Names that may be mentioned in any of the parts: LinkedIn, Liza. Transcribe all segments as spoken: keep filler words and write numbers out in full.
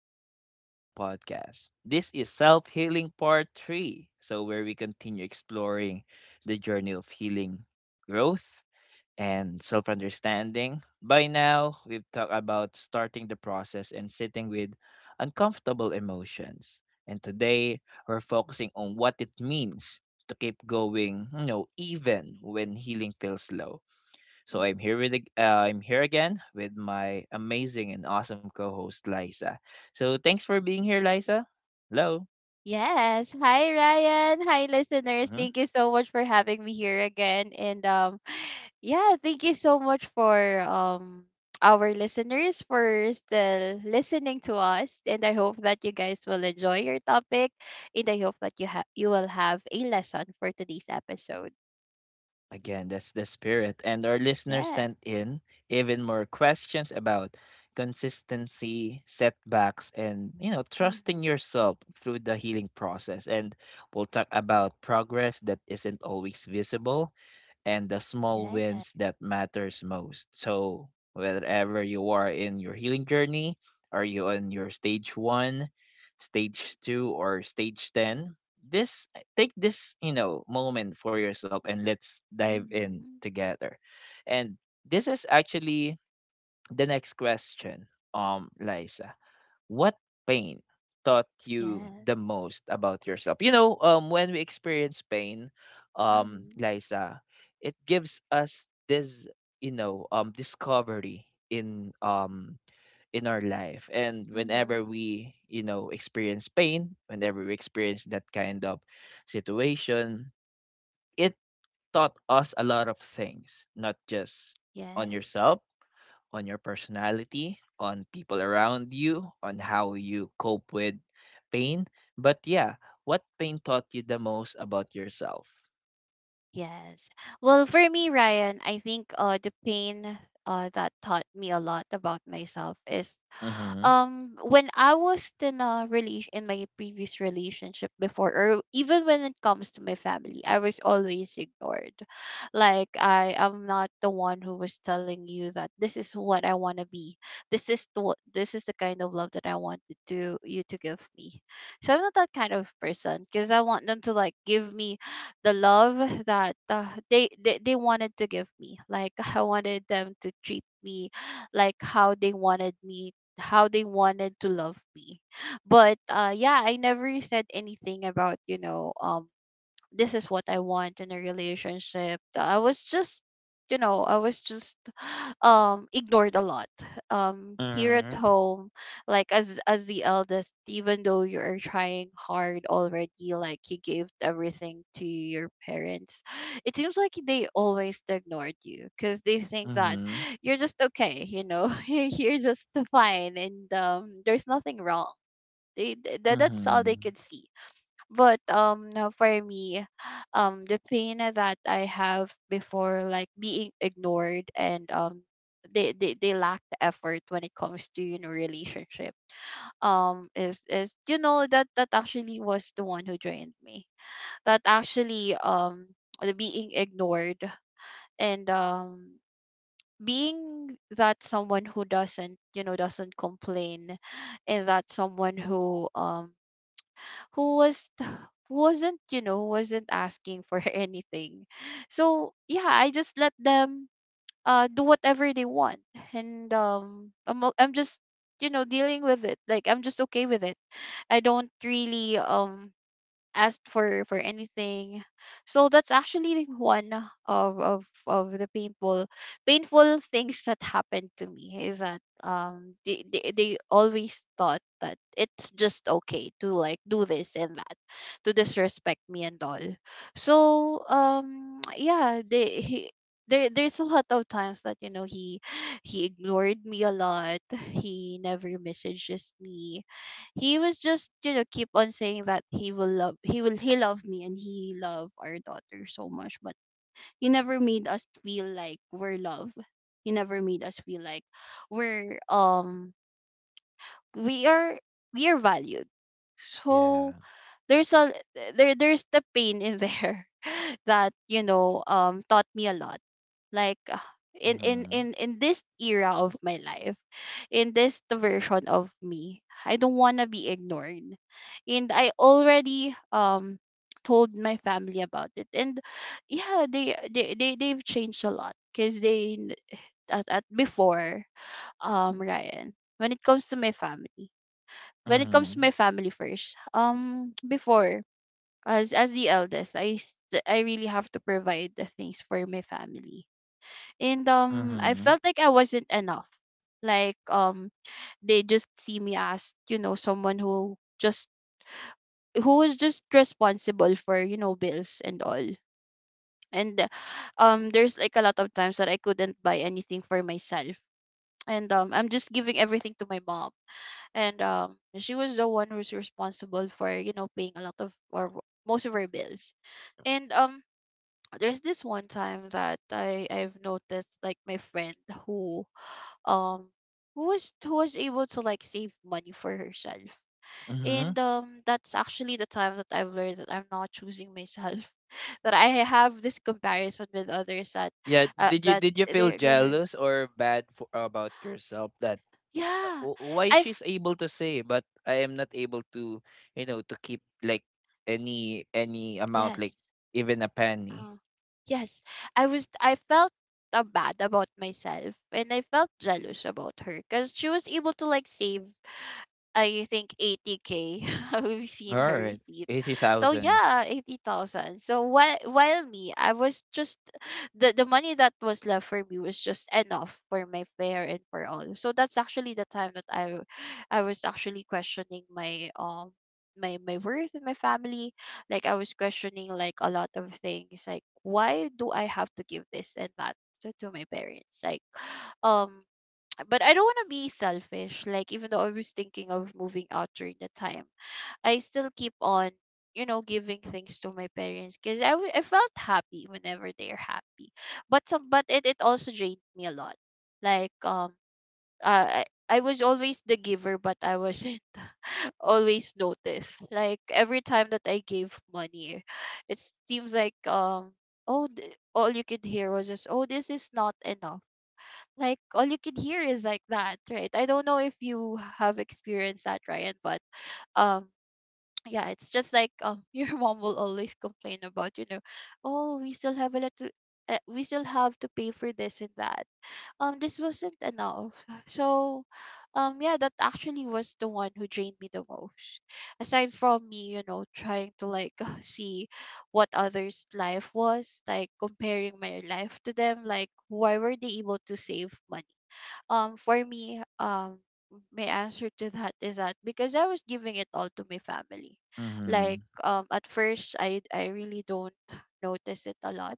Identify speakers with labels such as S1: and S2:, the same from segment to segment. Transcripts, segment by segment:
S1: welcome back to the podcast. This is self healing part three, so where we continue exploring the journey of healing, growth, and self understanding. By now, we've talked about starting the process and sitting with uncomfortable emotions. And today, we're focusing on what it means to keep going, you know, even when healing feels slow. So
S2: Mm.
S1: I'm here with ag- uh, I'm here again with my amazing and awesome co-host Liza. So thanks for being here, Liza. Hello.
S2: Yes. Hi, Ryan. Hi, listeners.
S1: Mhm.
S2: Thank you so much for having me here again. And um, yeah, thank you so much for um our listeners for still listening to us. And I hope that you guys will enjoy your topic. And I hope that you have you will have a lesson for today's episode.
S1: Again, that's the spirit. And our listeners
S2: Yeah.
S1: sent in even more questions about consistency, setbacks, and you know,
S2: Mm-hmm.
S1: trusting yourself through the healing process. And we'll talk about progress that isn't always visible and the small
S2: Yeah.
S1: wins that matters most. So wherever you are in your healing journey, are you on your stage one, stage two, or stage ten? This Take this, you know, moment for yourself and let's dive in
S2: Mm-hmm.
S1: together. And this is actually the next question, um, Liza. What pain taught you the
S2: Yes.
S1: most about yourself? You know, um, when we experience pain, um,
S2: Mm-hmm.
S1: Liza, it gives us this, you know, um, discovery in um in our life. And
S2: Mm-hmm.
S1: whenever we, you know, experience pain, whenever we experience that kind of situation, it taught us a lot of things, not just on
S2: Yes.
S1: yourself, on your personality, on people around you, on how you cope with pain. But yeah, what pain taught you the most about yourself?
S2: Yes. Well, for me, Ryan, I think uh the pain uh that taught me a lot about myself is
S1: Mm-hmm.
S2: um when I was in a relation in my previous relationship before, or even when it comes to my family, I was always ignored. Like, I am not the one who was telling you that this is what I want to be. This is the wha- this is the kind of love that I wanted to you to give me. So I'm not that kind of person, because I want them to like give me the love that uh, they, they they wanted to give me. Like, I wanted them to treat me like how they wanted me, how they wanted to love me, but uh yeah, I never said anything about, you know, um this is what I want in a relationship. I was just, you know, I was just um ignored a lot. Um here at
S1: Mm-hmm.
S2: home, like, as as the eldest, even though you're trying hard already, like you gave everything to your parents, it seems like they always ignored you because they think that
S1: Mm-hmm.
S2: you're just okay, you know, you're just fine and um there's nothing wrong. They, th- that's all they
S1: Mm-hmm.
S2: could see, but um now for me, um the pain that I have before, like being ignored, and um they, they, they lack the effort when it comes to, you know, relationship, um is is, you know, that that actually was the one who drained me, that actually, um the being ignored, and um being that someone who doesn't, you know, doesn't complain, and that someone who um who was wasn't, you know, wasn't asking for anything. So yeah, I just let them uh do whatever they want. And um i'm, o- I'm just, you know, dealing with it, like I'm just okay with it. I don't really um asked for for anything. So that's actually one of of of the painful painful things that happened to me, is that um they, they, they always thought that it's just okay to like do this and that, to disrespect me and all. So um yeah, they he, there, there's a lot of times that, you know, he he ignored me a lot, he never messages me, he was just, you know, keep on saying that he will love he will he love me and he love our daughter so much, but he never made us feel like we're loved, he never made us feel like we're um we are we are valued. So
S1: Yeah.
S2: there's a there there's the pain in there that, you know, um taught me a lot. Like, uh, in in
S1: Mm-hmm.
S2: in in this era of my life, in this version of me, I don't want to be ignored, and I already um told my family about it, and yeah, they they, they they've changed a lot because they n- at, at before, um Ryan, when it comes to my family, when it comes to
S1: Mm-hmm.
S2: my family first, um before, as as the eldest, i s- I really have to provide the things for my family, and um I
S1: Mm-hmm.
S2: felt like I wasn't enough. Like, um they just see me as, you know, someone who just who was just responsible for, you know, bills and all. And uh, um there's like a lot of times that I couldn't buy anything for myself. And um I'm just giving everything to my mom. And um she was the one who's responsible for, you know, paying a lot of, or most of her bills. And um there's this one time that I I've noticed, like, my friend who um who was who was able to like save money for herself.
S1: Mm-hmm.
S2: And um that's actually the time that I've learned that I'm not choosing myself. That I have this comparison with others, that
S1: Yeah,
S2: uh,
S1: did you
S2: that
S1: did you feel
S2: they're they're
S1: jealous or bad for, about yourself that uh,
S2: yeah.
S1: w- why she's
S2: I've
S1: able to say but I am not able to, you know, to keep like any any amount like
S2: yes.
S1: even a penny.
S2: Uh, yes. I was I felt uh, bad about myself, and I felt jealous about her because she was able to like save, I think, eighty k. We've seen her
S1: All right.
S2: receipt. So
S1: eighty thousand.
S2: yeah, eighty thousand. So while while me, I was just the the money that was left for me was just enough for my fare and for all. So that's actually the time that I I was actually questioning my um my my worth and my family. Like, I was questioning like a lot of things. Like, why do I have to give this and that to to my parents? Like, um but I don't want to be selfish. Like, even though I was thinking of moving out during the time, I still keep on, you know, giving things to my parents, because I, w- I felt happy whenever they're happy. But some but it, it also drained me a lot. Like, um uh, I I was always the giver, but I wasn't always noticed. Like, every time that I gave money, it seems like um oh th- all you could hear was just, oh, this is not enough, like, all you can hear is like that, right? I don't know if you have experienced that, Ryan, but um yeah, it's just like, um your mom will always complain about, you know, oh, we still have a lot to uh, we still have to pay for this and that, um this wasn't enough. So um yeah, that actually was the one who drained me the most, aside from me, you know, trying to like see what others life was like, comparing my life to them, like why were they able to save money. um for me, um my answer to that is that because I was giving it all to my family. Like,
S1: Mhm.
S2: um at first, I I really don't notice it a lot,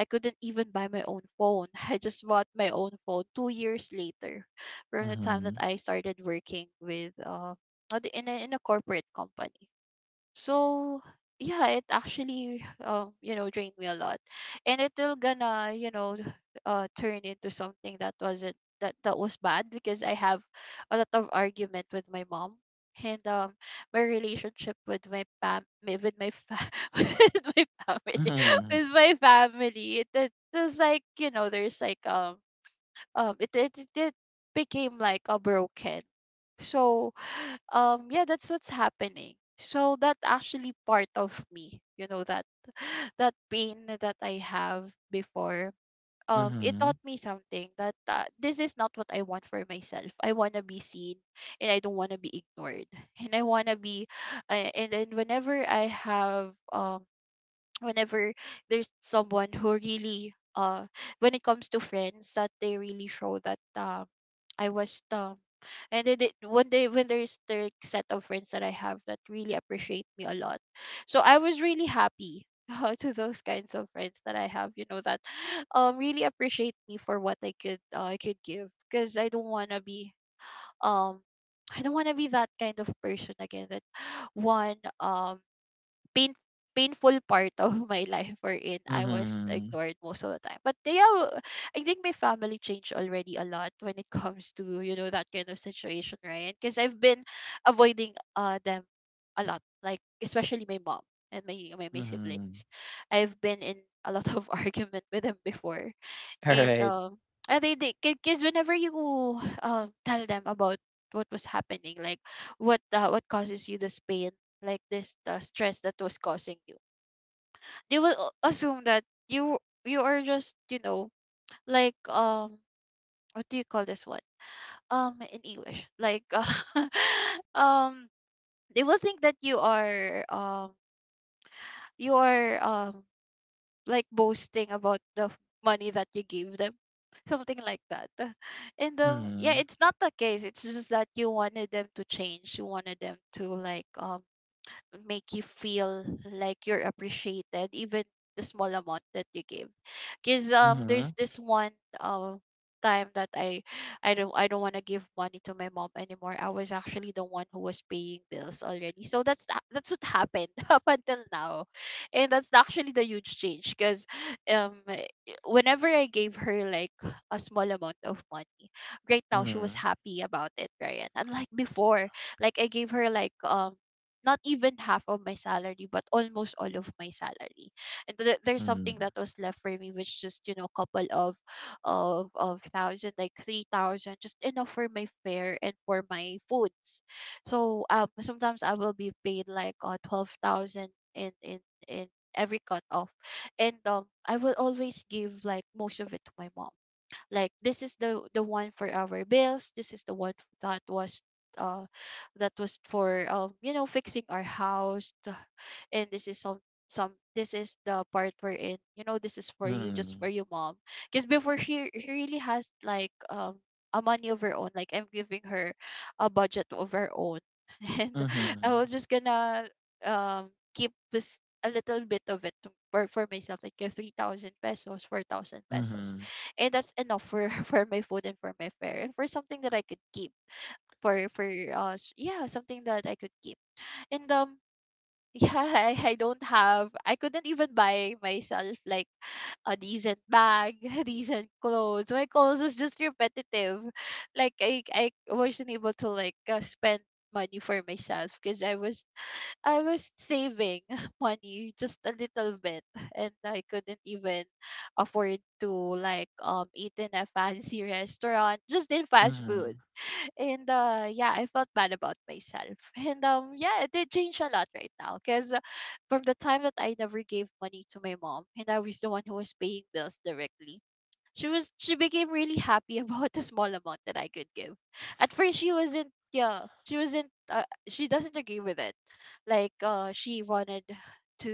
S2: I couldn't even buy my own phone. I just bought my own phone two years later, from the time that
S1: Mhm.
S2: I started working with uh uh, the- in a, in a corporate company. So yeah, it actually um you know, drained me a lot, and it will gonna, you know, uh turn into something that wasn't that that was bad, because I have a lot of argument with my mom, and um my relationship with my fam my- with my fa- with my family,
S1: Mhm.
S2: with my family, it, it was like, you know, there's like um um it it, it it became like a broken. So, um, yeah, that's what's happening. So that actually part of me, you know, that that pain that I have before, um, it
S1: Mhm.
S2: taught me something, that uh, this is not what I want for myself. I want to be seen, and I don't want to be ignored, and I want to be, uh, and and whenever I have um whenever there's someone who really uh when it comes to friends that they really show that um I was um and then they, when they when there's the set of friends that I have that really appreciate me a lot. So I was really happy uh, to those kinds of friends that I have, you know, that um really appreciate me for what I could uh, I could give, because I don't want to be um I don't want to be that kind of person again, that one um pain painful part of my life wherein I was
S1: Mhm.
S2: ignored most of the time. But yeah, w- I think my family changed already a lot when it comes to, you know, that kind of situation, right? Because I've been avoiding uh them a lot, like especially my mom and my, my my siblings.
S1: Mhm.
S2: I've been in a lot of argument with them before.
S1: All
S2: and
S1: right.
S2: um and they they because whenever you um tell them about what was happening, like what uh, what causes you this pain, like this uh, stress that was causing you, they will a- assume that you you are just, you know, like, um what do you call this one, um in English, like uh, um they will think that you are, um you are, um like, boasting about the f- money that you gave them, something like that. and um Yeah,
S1: Mhm.
S2: it's not the case. It's just that you wanted them to change, you wanted them to, like, um make you feel like you're appreciated even the small amount that you give. Because um there's
S1: Mhm.
S2: this one uh, time that i i don't, i don't want to give money to my mom anymore. I was actually the one who was paying bills already, so that's tha- that's what happened up until now. And that's actually the huge change because um eh, whenever I gave her, like, a small amount of money right now, she was
S1: Mhm.
S2: happy about it, right, unlike before. Like, I gave her, like, um not even half of my salary, but almost all of my salary. And th- there's something
S1: Mhm.
S2: that was left for me, which just, you know, a couple of of of thousand, like three thousand, just enough for my fare and for my foods. So um sometimes I will be paid like uh, twelve thousand in in in every cut off. And um I will always give, like, most of it to my mom. Like, this is the the one for our bills, this is the one that was uh that was for, um you know, fixing our house, t- and this is some, some this is the part we're in, you know, this is for you, just for you, mom. Because before, she, she really has, like, um a money of her own, like I'm giving her a budget of her own. And I
S1: Mhm.
S2: was just gonna um keep this, a little bit of it to- for, for myself, like uh, three thousand pesos, four thousand pesos.
S1: Mhm.
S2: And that's enough for for my food and for my fare and for something that I could keep, for for uh s- yeah, something that I could keep. And um Yeah, I, I don't have, I couldn't even buy myself like a decent bag, decent clothes. My clothes is just repetitive. Like, I I wasn't able to, like, uh, spend money for myself because I was, I was saving money just a little bit. And I couldn't even afford to, like, um eat in a fancy restaurant, just in fast food.
S1: Mhm.
S2: And uh yeah, I felt bad about myself. And um yeah, it did change a lot right now because uh, from the time that I never gave money to my mom and I was the one who was paying bills directly, she was, she became really happy about the small amount that I could give. At first she wasn't, yeah, she wasn't, uh, she doesn't agree with it. Like, uh she wanted to,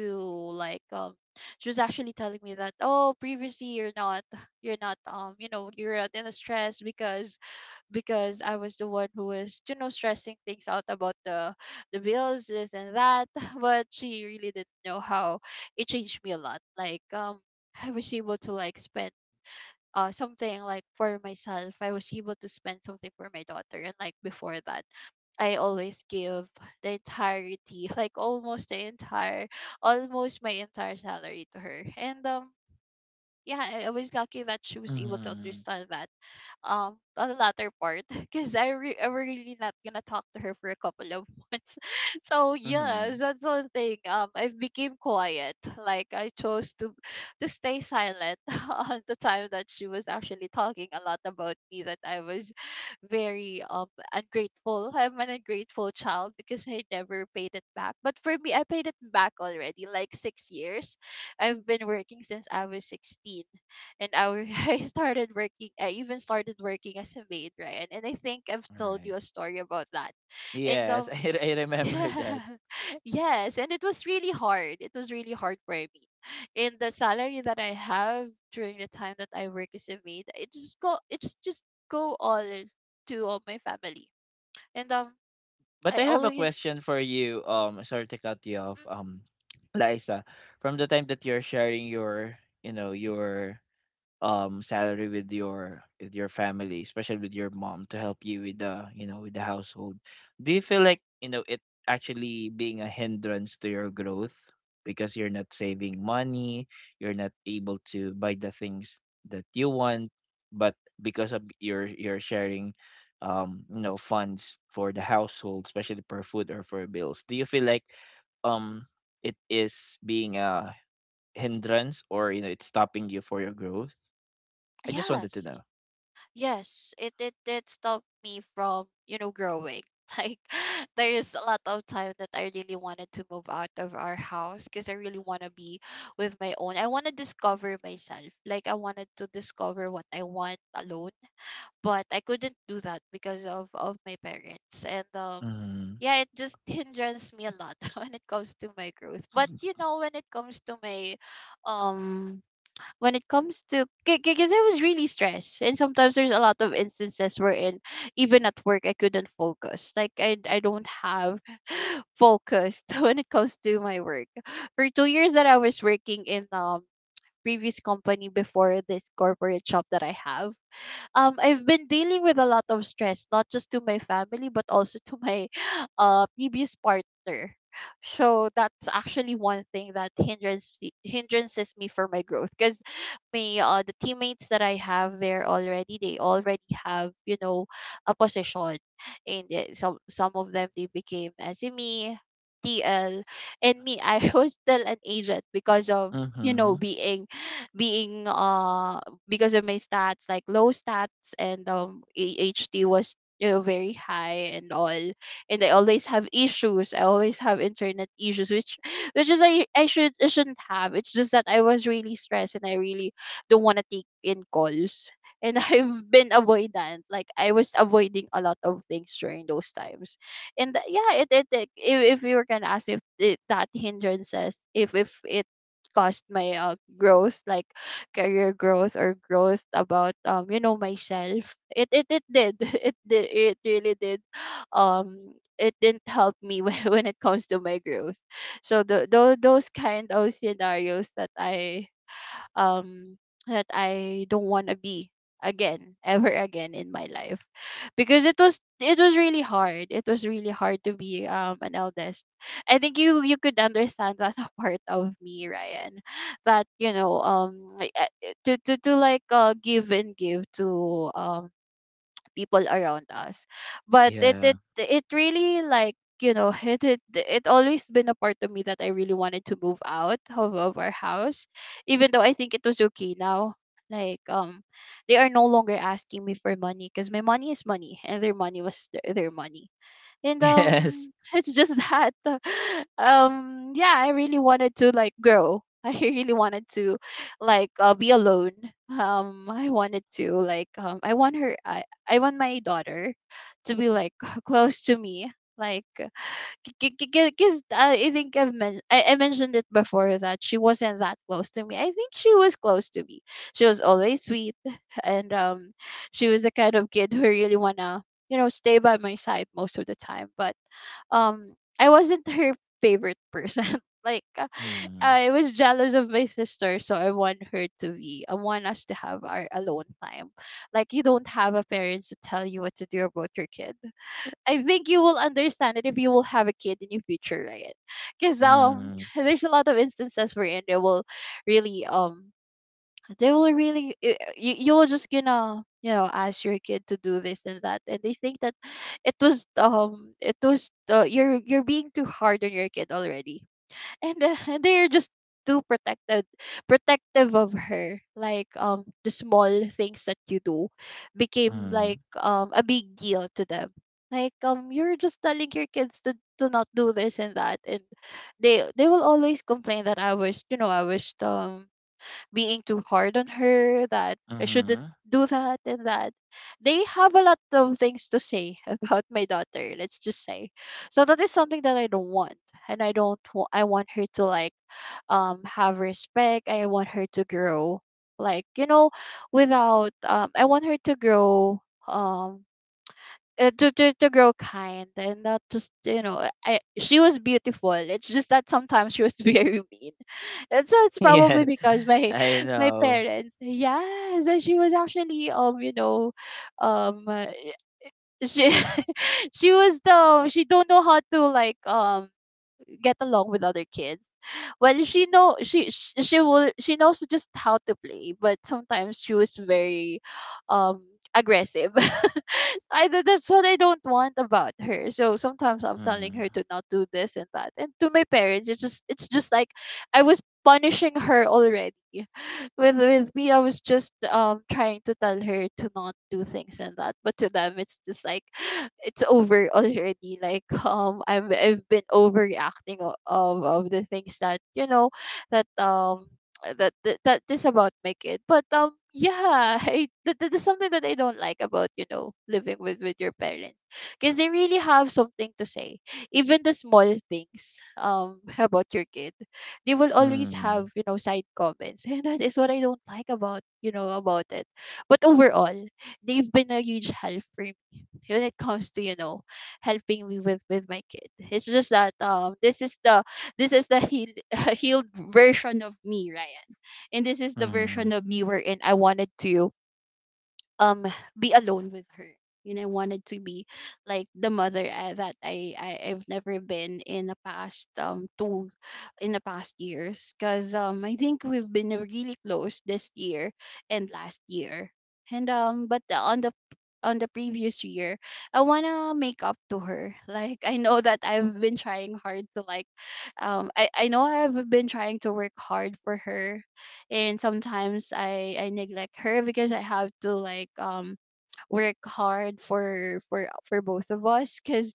S2: like, um she was actually telling me that, oh, previously you're not, you're not, um you know, you're not in a stress because because I was the one who was, you know, stressing things out about the the bills, this and that. But she really didn't know how it changed me a lot, like um I was able to, like, spend uh something, like for myself. I was able to spend something for my daughter. And like before that, I always give the entirety like almost the entire, almost my entire salary to her. And um Yeah, i I was lucky that she was able to
S1: Mhm.
S2: understand that um on the latter part because I re- I'm really not gonna talk to her for a couple of months. So
S1: Mhm.
S2: yes, that's one thing. Um, I became quiet. Like, I chose to to stay silent on the time that she was actually talking a lot about me. That I was very um ungrateful. I'm an ungrateful child because I never paid it back. But for me, I paid it back already. Like, six years, I've been working since I was sixteen. And I, w- I started working, I even started working as a maid, right? And I think I've
S1: All
S2: told
S1: right.
S2: you a story about that. And
S1: Yes,
S2: um
S1: I I remember that.
S2: yeah. Yes, and it was really hard. It was really hard for me. And the salary that I have during the time that I work as a maid, it just go it's just go all to all my family. And um
S1: But
S2: I
S1: I have a
S2: always
S1: question for you. Um, sorry to cut you off.
S2: Mm,
S1: Um, Liza, from the time that you're sharing your, you know, your um salary with your with your family, especially with your mom, to help you with the, you know, with the household, do you feel like, you know, it actually being a hindrance to your growth because you're not saving money, you're not able to buy the things that you want, but because of your your sharing, um you know, funds for the household, especially for food or for bills, do you feel like um it is being a hindrance, or you know, it's stopping you for your growth? I just wanted to know.
S2: yes. Yes, it it did stop me from, you know, growing. Like, there's a lot of time that I really wanted to move out of our house because I really want to be with my own. I want to discover myself. Like, I wanted to discover what I want alone, but I couldn't do that because of of my parents. And um
S1: Mhm.
S2: yeah, it just hinders me a lot when it comes to my growth. But you know, when it comes to my um when it comes to, because I was really stressed, and sometimes there's a lot of instances wherein even at work I couldn't focus. Like, I I don't have focus when it comes to my work. For two years that I was working in um previous company before this corporate job that I have, um I've been dealing with a lot of stress, not just to my family but also to my uh previous partner. So that's actually one thing that hindrance hindrances me for my growth. Because me uh the teammates that I have there already, they already have, you know, a position. And uh, some some of them, they became S M E, T L, and me, I was still an agent because of, you know,
S1: Mhm.
S2: being, being uh because of my stats, like low stats. And um A H T was, you know, very high and all. And I always have issues. I always have internet issues, which which is, I I should I shouldn't have. It's just that I was really stressed and I really don't want to take in calls. And I've been avoidant. Like, I was avoiding a lot of things during those times. and th- yeah, it, it, it, if, if you were gonna ask if it, that hindrances, if if it caused my uh, growth, like career growth or growth about, um you know, myself, it it it did, it did it really did, um it didn't help me when when it comes to my growth. So the, those those kind of scenarios that i um that I don't want to be again, ever again in my life. Because it was, it was really hard, it was really hard to be um an eldest. I think you you could understand that part of me, Ryan. That, you know, um like, uh, to to to like uh give and give to um people around us. But it
S1: Yeah.
S2: it it really like, you know, it it it always been a part of me that I really wanted to move out of, of our house, even though I think it was okay now. Like, um they are no longer asking me for money because my money is money and their money was their, their money. And
S1: Yes.
S2: um It's just that um yeah, I really wanted to, like, grow. I really wanted to like uh, be alone. um I wanted to like um I want her I I want my daughter to be like close to me. Like, because I think I've men- I, I mentioned it before that she wasn't that close to me. I think she was close to me. She was always sweet, and um, she was the kind of kid who really wanna, you know, stay by my side most of the time. But um, I wasn't her favorite person. Like, uh,
S1: Mhm.
S2: I was jealous of my sister, so I want her to be. I want us to have our alone time. Like, you don't have a parents to tell you what to do about your kid. I think you will understand it if you will have a kid in your future, right? Because um,
S1: Mhm.
S2: there's a lot of instances wherein they will really um, they will really eh, you you will just gonna, you know, ask your kid to do this and that, and they think that it was, um it was, uh, you're you're being too hard on your kid already. And uh, they're just too protected protective of her. Like, um the small things that you do became
S1: Mhm.
S2: like um a big deal to them. Like, um you're just telling your kids to, to not do this and that. And they they will always complain that I was, you know, I was um being too hard on her, that I shouldn't
S1: Mhm.
S2: do that and that. They have a lot of things to say about my daughter, let's just say. So that is something that I don't want. And I don't wa- I want her to, like, um have respect. I want her to grow, like, you know, without um I want her to grow um uh, to, to to grow kind, and not just, you know, I, she was beautiful. It's just that sometimes she was very mean. And so it's probably
S1: Yes.
S2: because my
S1: I
S2: my
S1: know.
S2: parents yes, and she was actually um you know um uh, she she was the she don't know how to like um get along with other kids. Well, she know she she, she will she knows just how to play, but sometimes she was very um aggressive. So I th- that's what I don't want about her. So sometimes I'm telling
S1: Mhm.
S2: her to not do this and that. And to my parents, it's just it's just like I was punishing her already with with me, I was just um trying to tell her to not do things and that, but to them, it's just like it's over already. Like um, I'm I've been overreacting o- of of the things that you know that um that that, that is about my kid, but um. Yeah, I, that, that is something that I don't like about, you know, living with, with your parents. Because they really have something to say. Even the small things um about your kid they will always have,
S1: Mhm.
S2: you know, side comments and that is what I don't like about, you know, about it. But overall they've been a huge help for me when it comes to, you know, helping me with with my kid. It's just that um this is the this is the heal, healed version of me, Ryan. And this is the version
S1: Mhm.
S2: of me wherein I wanted to um be alone with her. And I wanted to be like the mother I, that I, I I've never been in the past um two in the past years, because um I think we've been really close this year and last year. And um, but the- on the on the previous year I want to make up to her. Like I know that I've been trying hard to like um I, I know I've been trying to work hard for her. And sometimes I I neglect her because I have to like um work hard for for for both of us, because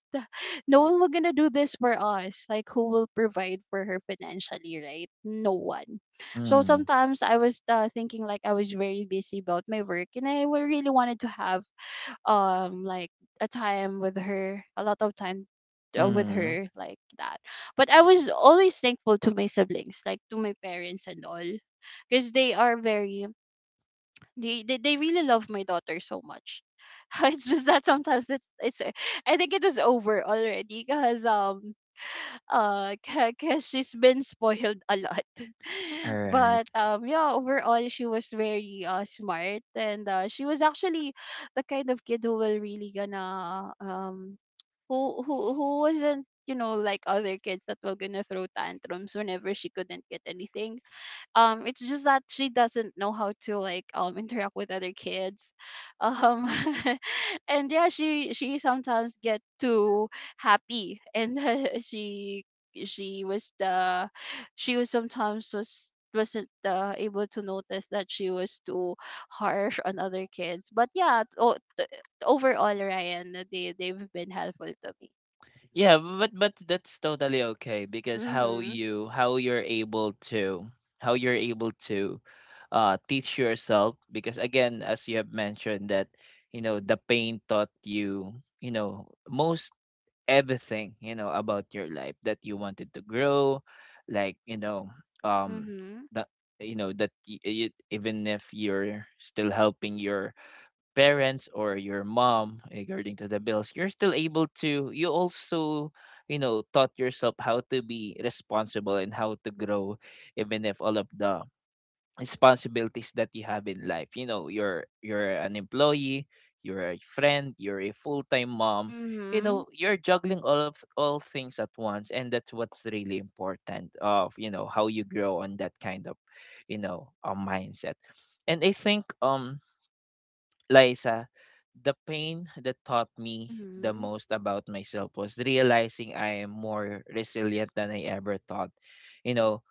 S2: no one will gonna do this for us. Like who will provide for her financially, right? No one. So
S1: Mhm.
S2: sometimes I was uh, thinking, like I was very busy about my work and I wa- really wanted to have um like a time with her, a lot of time uh, with
S1: Mhm.
S2: her like that. But I was always thankful to my siblings, like to my parents and all, because they are very, they, they they really love my daughter so much. It's just that sometimes it's it's uh, I think it was over already, because um uh because she's been spoiled a lot.
S1: Alright.
S2: But um, yeah, overall she was very uh smart. And uh, she was actually the kind of kid who will really gonna um who who who wasn't, you know, like other kids that were gonna throw tantrums whenever she couldn't get anything. Um it's just that she doesn't know how to like um interact with other kids. Um and yeah, she she sometimes get too happy and she she was the she was sometimes was wasn't uh, able to notice that she was too harsh on other kids. But yeah, o- t- overall, Ryan, they they've been helpful to me.
S1: Yeah, but but that's totally okay because how
S2: Mhm.
S1: you how you're able to how you're able to uh teach yourself, because again, as you have mentioned that, you know, the pain taught you, you know, most everything you know about your life, that you wanted to grow, like, you know, um
S2: Mhm.
S1: that you know that y- y- even if you're still helping your parents or your mom regarding to the bills, you're still able to, you also, you know, taught yourself how to be responsible and how to grow, even if all of the responsibilities that you have in life, you know, you're you're an employee, you're a friend, you're a full-time mom, you
S2: Mhm.
S1: know, you're juggling all of all things at once, and that's what's really important of you know how you grow on that kind of, you know, a mindset. And I think, um Liza, the pain that taught me the
S2: Mhm.
S1: most about myself was realizing I am more resilient than I ever thought. You know,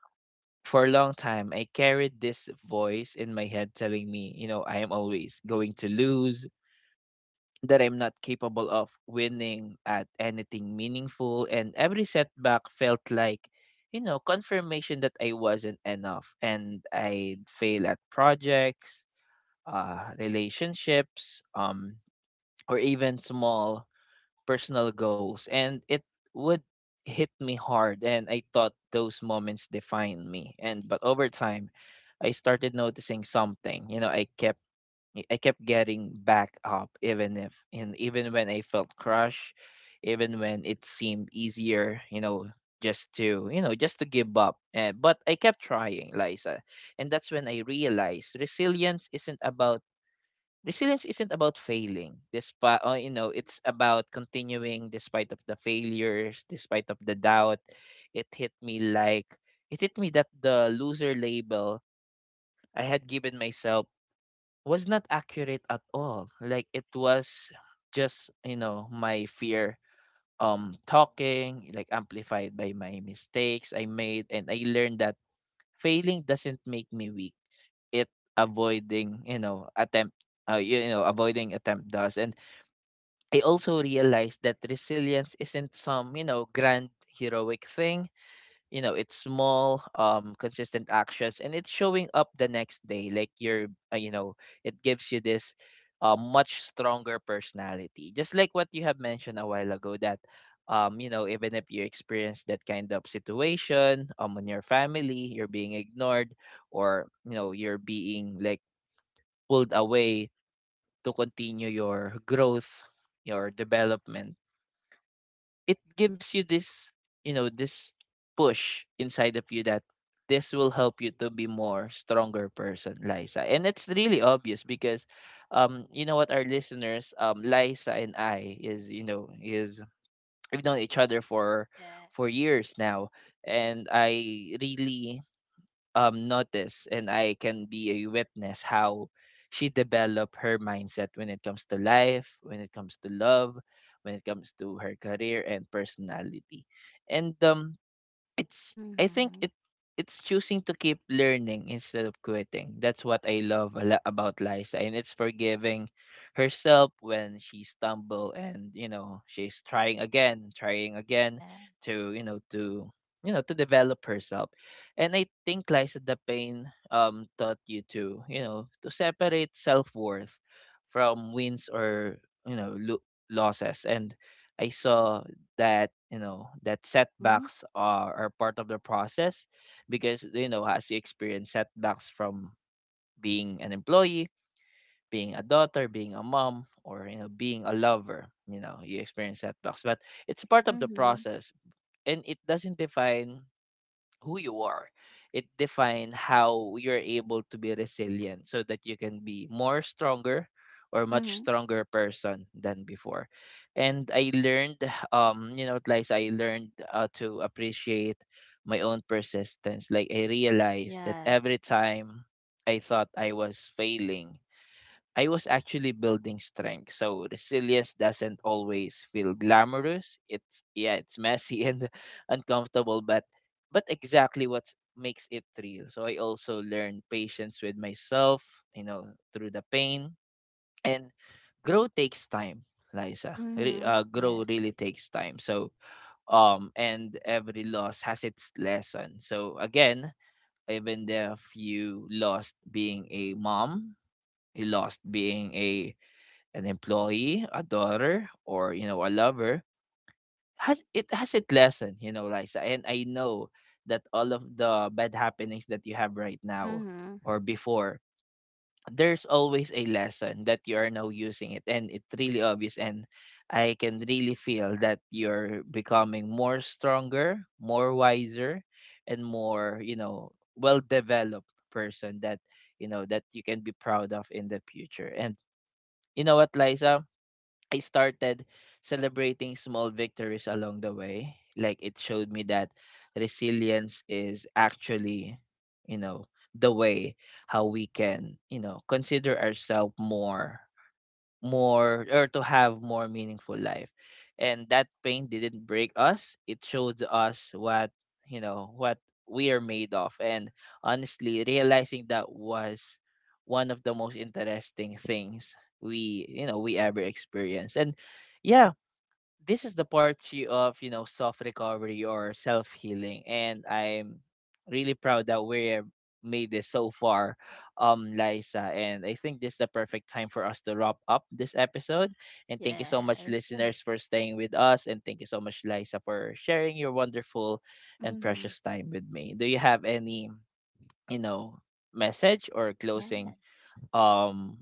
S1: for a long time, I carried this voice in my head telling me, you know, I am always going to lose, that I'm not capable of winning at anything meaningful. And every setback felt like, you know, confirmation that I wasn't enough, and I'd fail at projects, uh, relationships, um, or even small personal goals, and it would hit me hard, and I thought those moments defined me. And but over time I started noticing something. You know, i kept I kept getting back up, even if and even when I felt crushed, even when it seemed easier, you know, just to, you know, just to give up. And but I kept trying, Liza. And that's when I realized resilience isn't about— Resilience isn't about failing, despite or, you know, it's about continuing despite of the failures, despite of the doubt. It hit me like it hit me that the loser label I had given myself was not accurate at all. Like it was just, you know, my fear um talking, like amplified by my mistakes I made. And I learned that failing doesn't make me weak. It Avoiding, you know, attempt, uh, you know, avoiding attempt does. And I also realized that resilience isn't some, you know, grand heroic thing. You know, it's small, um, consistent actions, and it's showing up the next day. Like you're, uh, you know, it gives you this uh, much stronger personality. Just like what you have mentioned a while ago, that, um, you know, even if you experience that kind of situation, um, in your family, you're being ignored, or you know, you're being like pulled away to continue your growth, your development, it gives you this, you know, this push inside of you, that this will help you to be more stronger person, Liza. And it's really obvious because um you know what, our listeners, um Liza and I is, you know, is we've known each other for
S2: Yeah.
S1: for years now, and I really um, notice, and I can be a witness how she developed her mindset when it comes to life, when it comes to love, when it comes to her career and personality. And um, it's, I think
S2: Mhm.
S1: it it's choosing to keep learning instead of quitting. That's what I love a lot about Liza. And it's forgiving herself when she stumble, and you know, she's trying again, trying again
S2: Yeah.
S1: to you know to you know to develop herself. And I think, Liza, the pain um taught you to, you know, to separate self worth from wins or, you know, lo- losses. And I saw that, you know, that
S2: Mhm,
S1: setbacks are, are part of the process, because, you know, as you experience setbacks from being an employee, being a daughter, being a mom, or you know, being a lover, you know, you experience setbacks, but it's part of the
S2: mhm,
S1: process, and it doesn't define who you are. It define how you're able to be resilient, so that you can be more stronger or much
S2: mhm.
S1: stronger person than before. And I learned, um you know, like I learned, uh, to appreciate my own persistence. Like I realized that
S2: Yes.
S1: every time I thought I was failing, I was actually building strength. So resilience doesn't always feel glamorous. It's yeah, it's messy and uncomfortable, but but exactly what makes it real. So I also learned patience with myself, you know, through the pain. And grow takes time, Liza. Re-
S2: Mhm.
S1: uh, grow
S2: Yeah.
S1: really takes time. So um and every loss has its lesson. So again, even if you lost being a mom, you lost being a an employee, a daughter, or you know, a lover, has it has its lesson, you know, Liza. And I know that all of the bad happenings that you have right now
S2: Mhm.
S1: or before, there's always a lesson that you are now using it, and it's really obvious. And I can really feel that you're becoming more stronger, more wiser, and more, you know, well developed person that, you know, that you can be proud of in the future. And you know what, Liza? I started celebrating small victories along the way. Like it showed me that resilience is actually, you know, the way how we can, you know, consider ourselves more more, or to have more meaningful life, and that pain didn't break us, it shows us what, you know, what we are made of. And honestly, realizing that was one of the most interesting things we, you know, we ever experienced. And yeah, this is the
S2: Mm.
S1: part y- of, you know, self recovery or self healing, and I'm really proud that we have made this so far, um Liza. And I think this is the perfect time for us to wrap up this episode, and thank you so much
S2: Yes.
S1: listeners for staying with us, and thank you so much Liza for sharing your wonderful and
S2: Mhm.
S1: precious time with me. Do you have any, you know, message or closing,
S2: Yes.
S1: um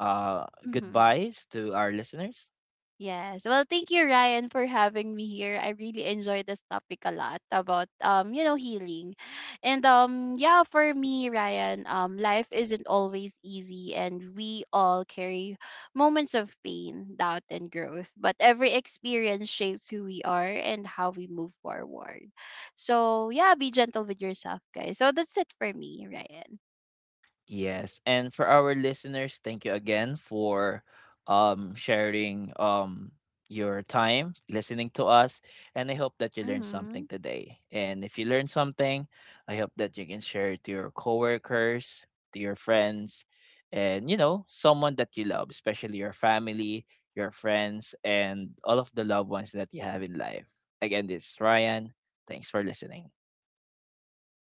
S1: uh
S2: Mhm.
S1: goodbyes to our listeners?
S2: Yes. Well, thank you, Ryan, for having me here. I really enjoyed this topic a lot about, um, you know, healing. And um, yeah, for me, Ryan, um life isn't always easy and we all carry moments of pain, doubt and growth, but every experience shapes who we are and how we move forward. So yeah, be gentle with yourself, guys. So that's it for me, Ryan.
S1: Yes. And for our listeners, thank you again for um sharing um your time listening to us. And I hope that you learned something
S2: Mhm.
S1: today. And if you learned something, I hope that you can share it to your coworkers, to your friends, and you know, someone that you love, especially your family, your friends, and all of the loved ones that you have in life. Again, this is Ryan. Thanks for listening.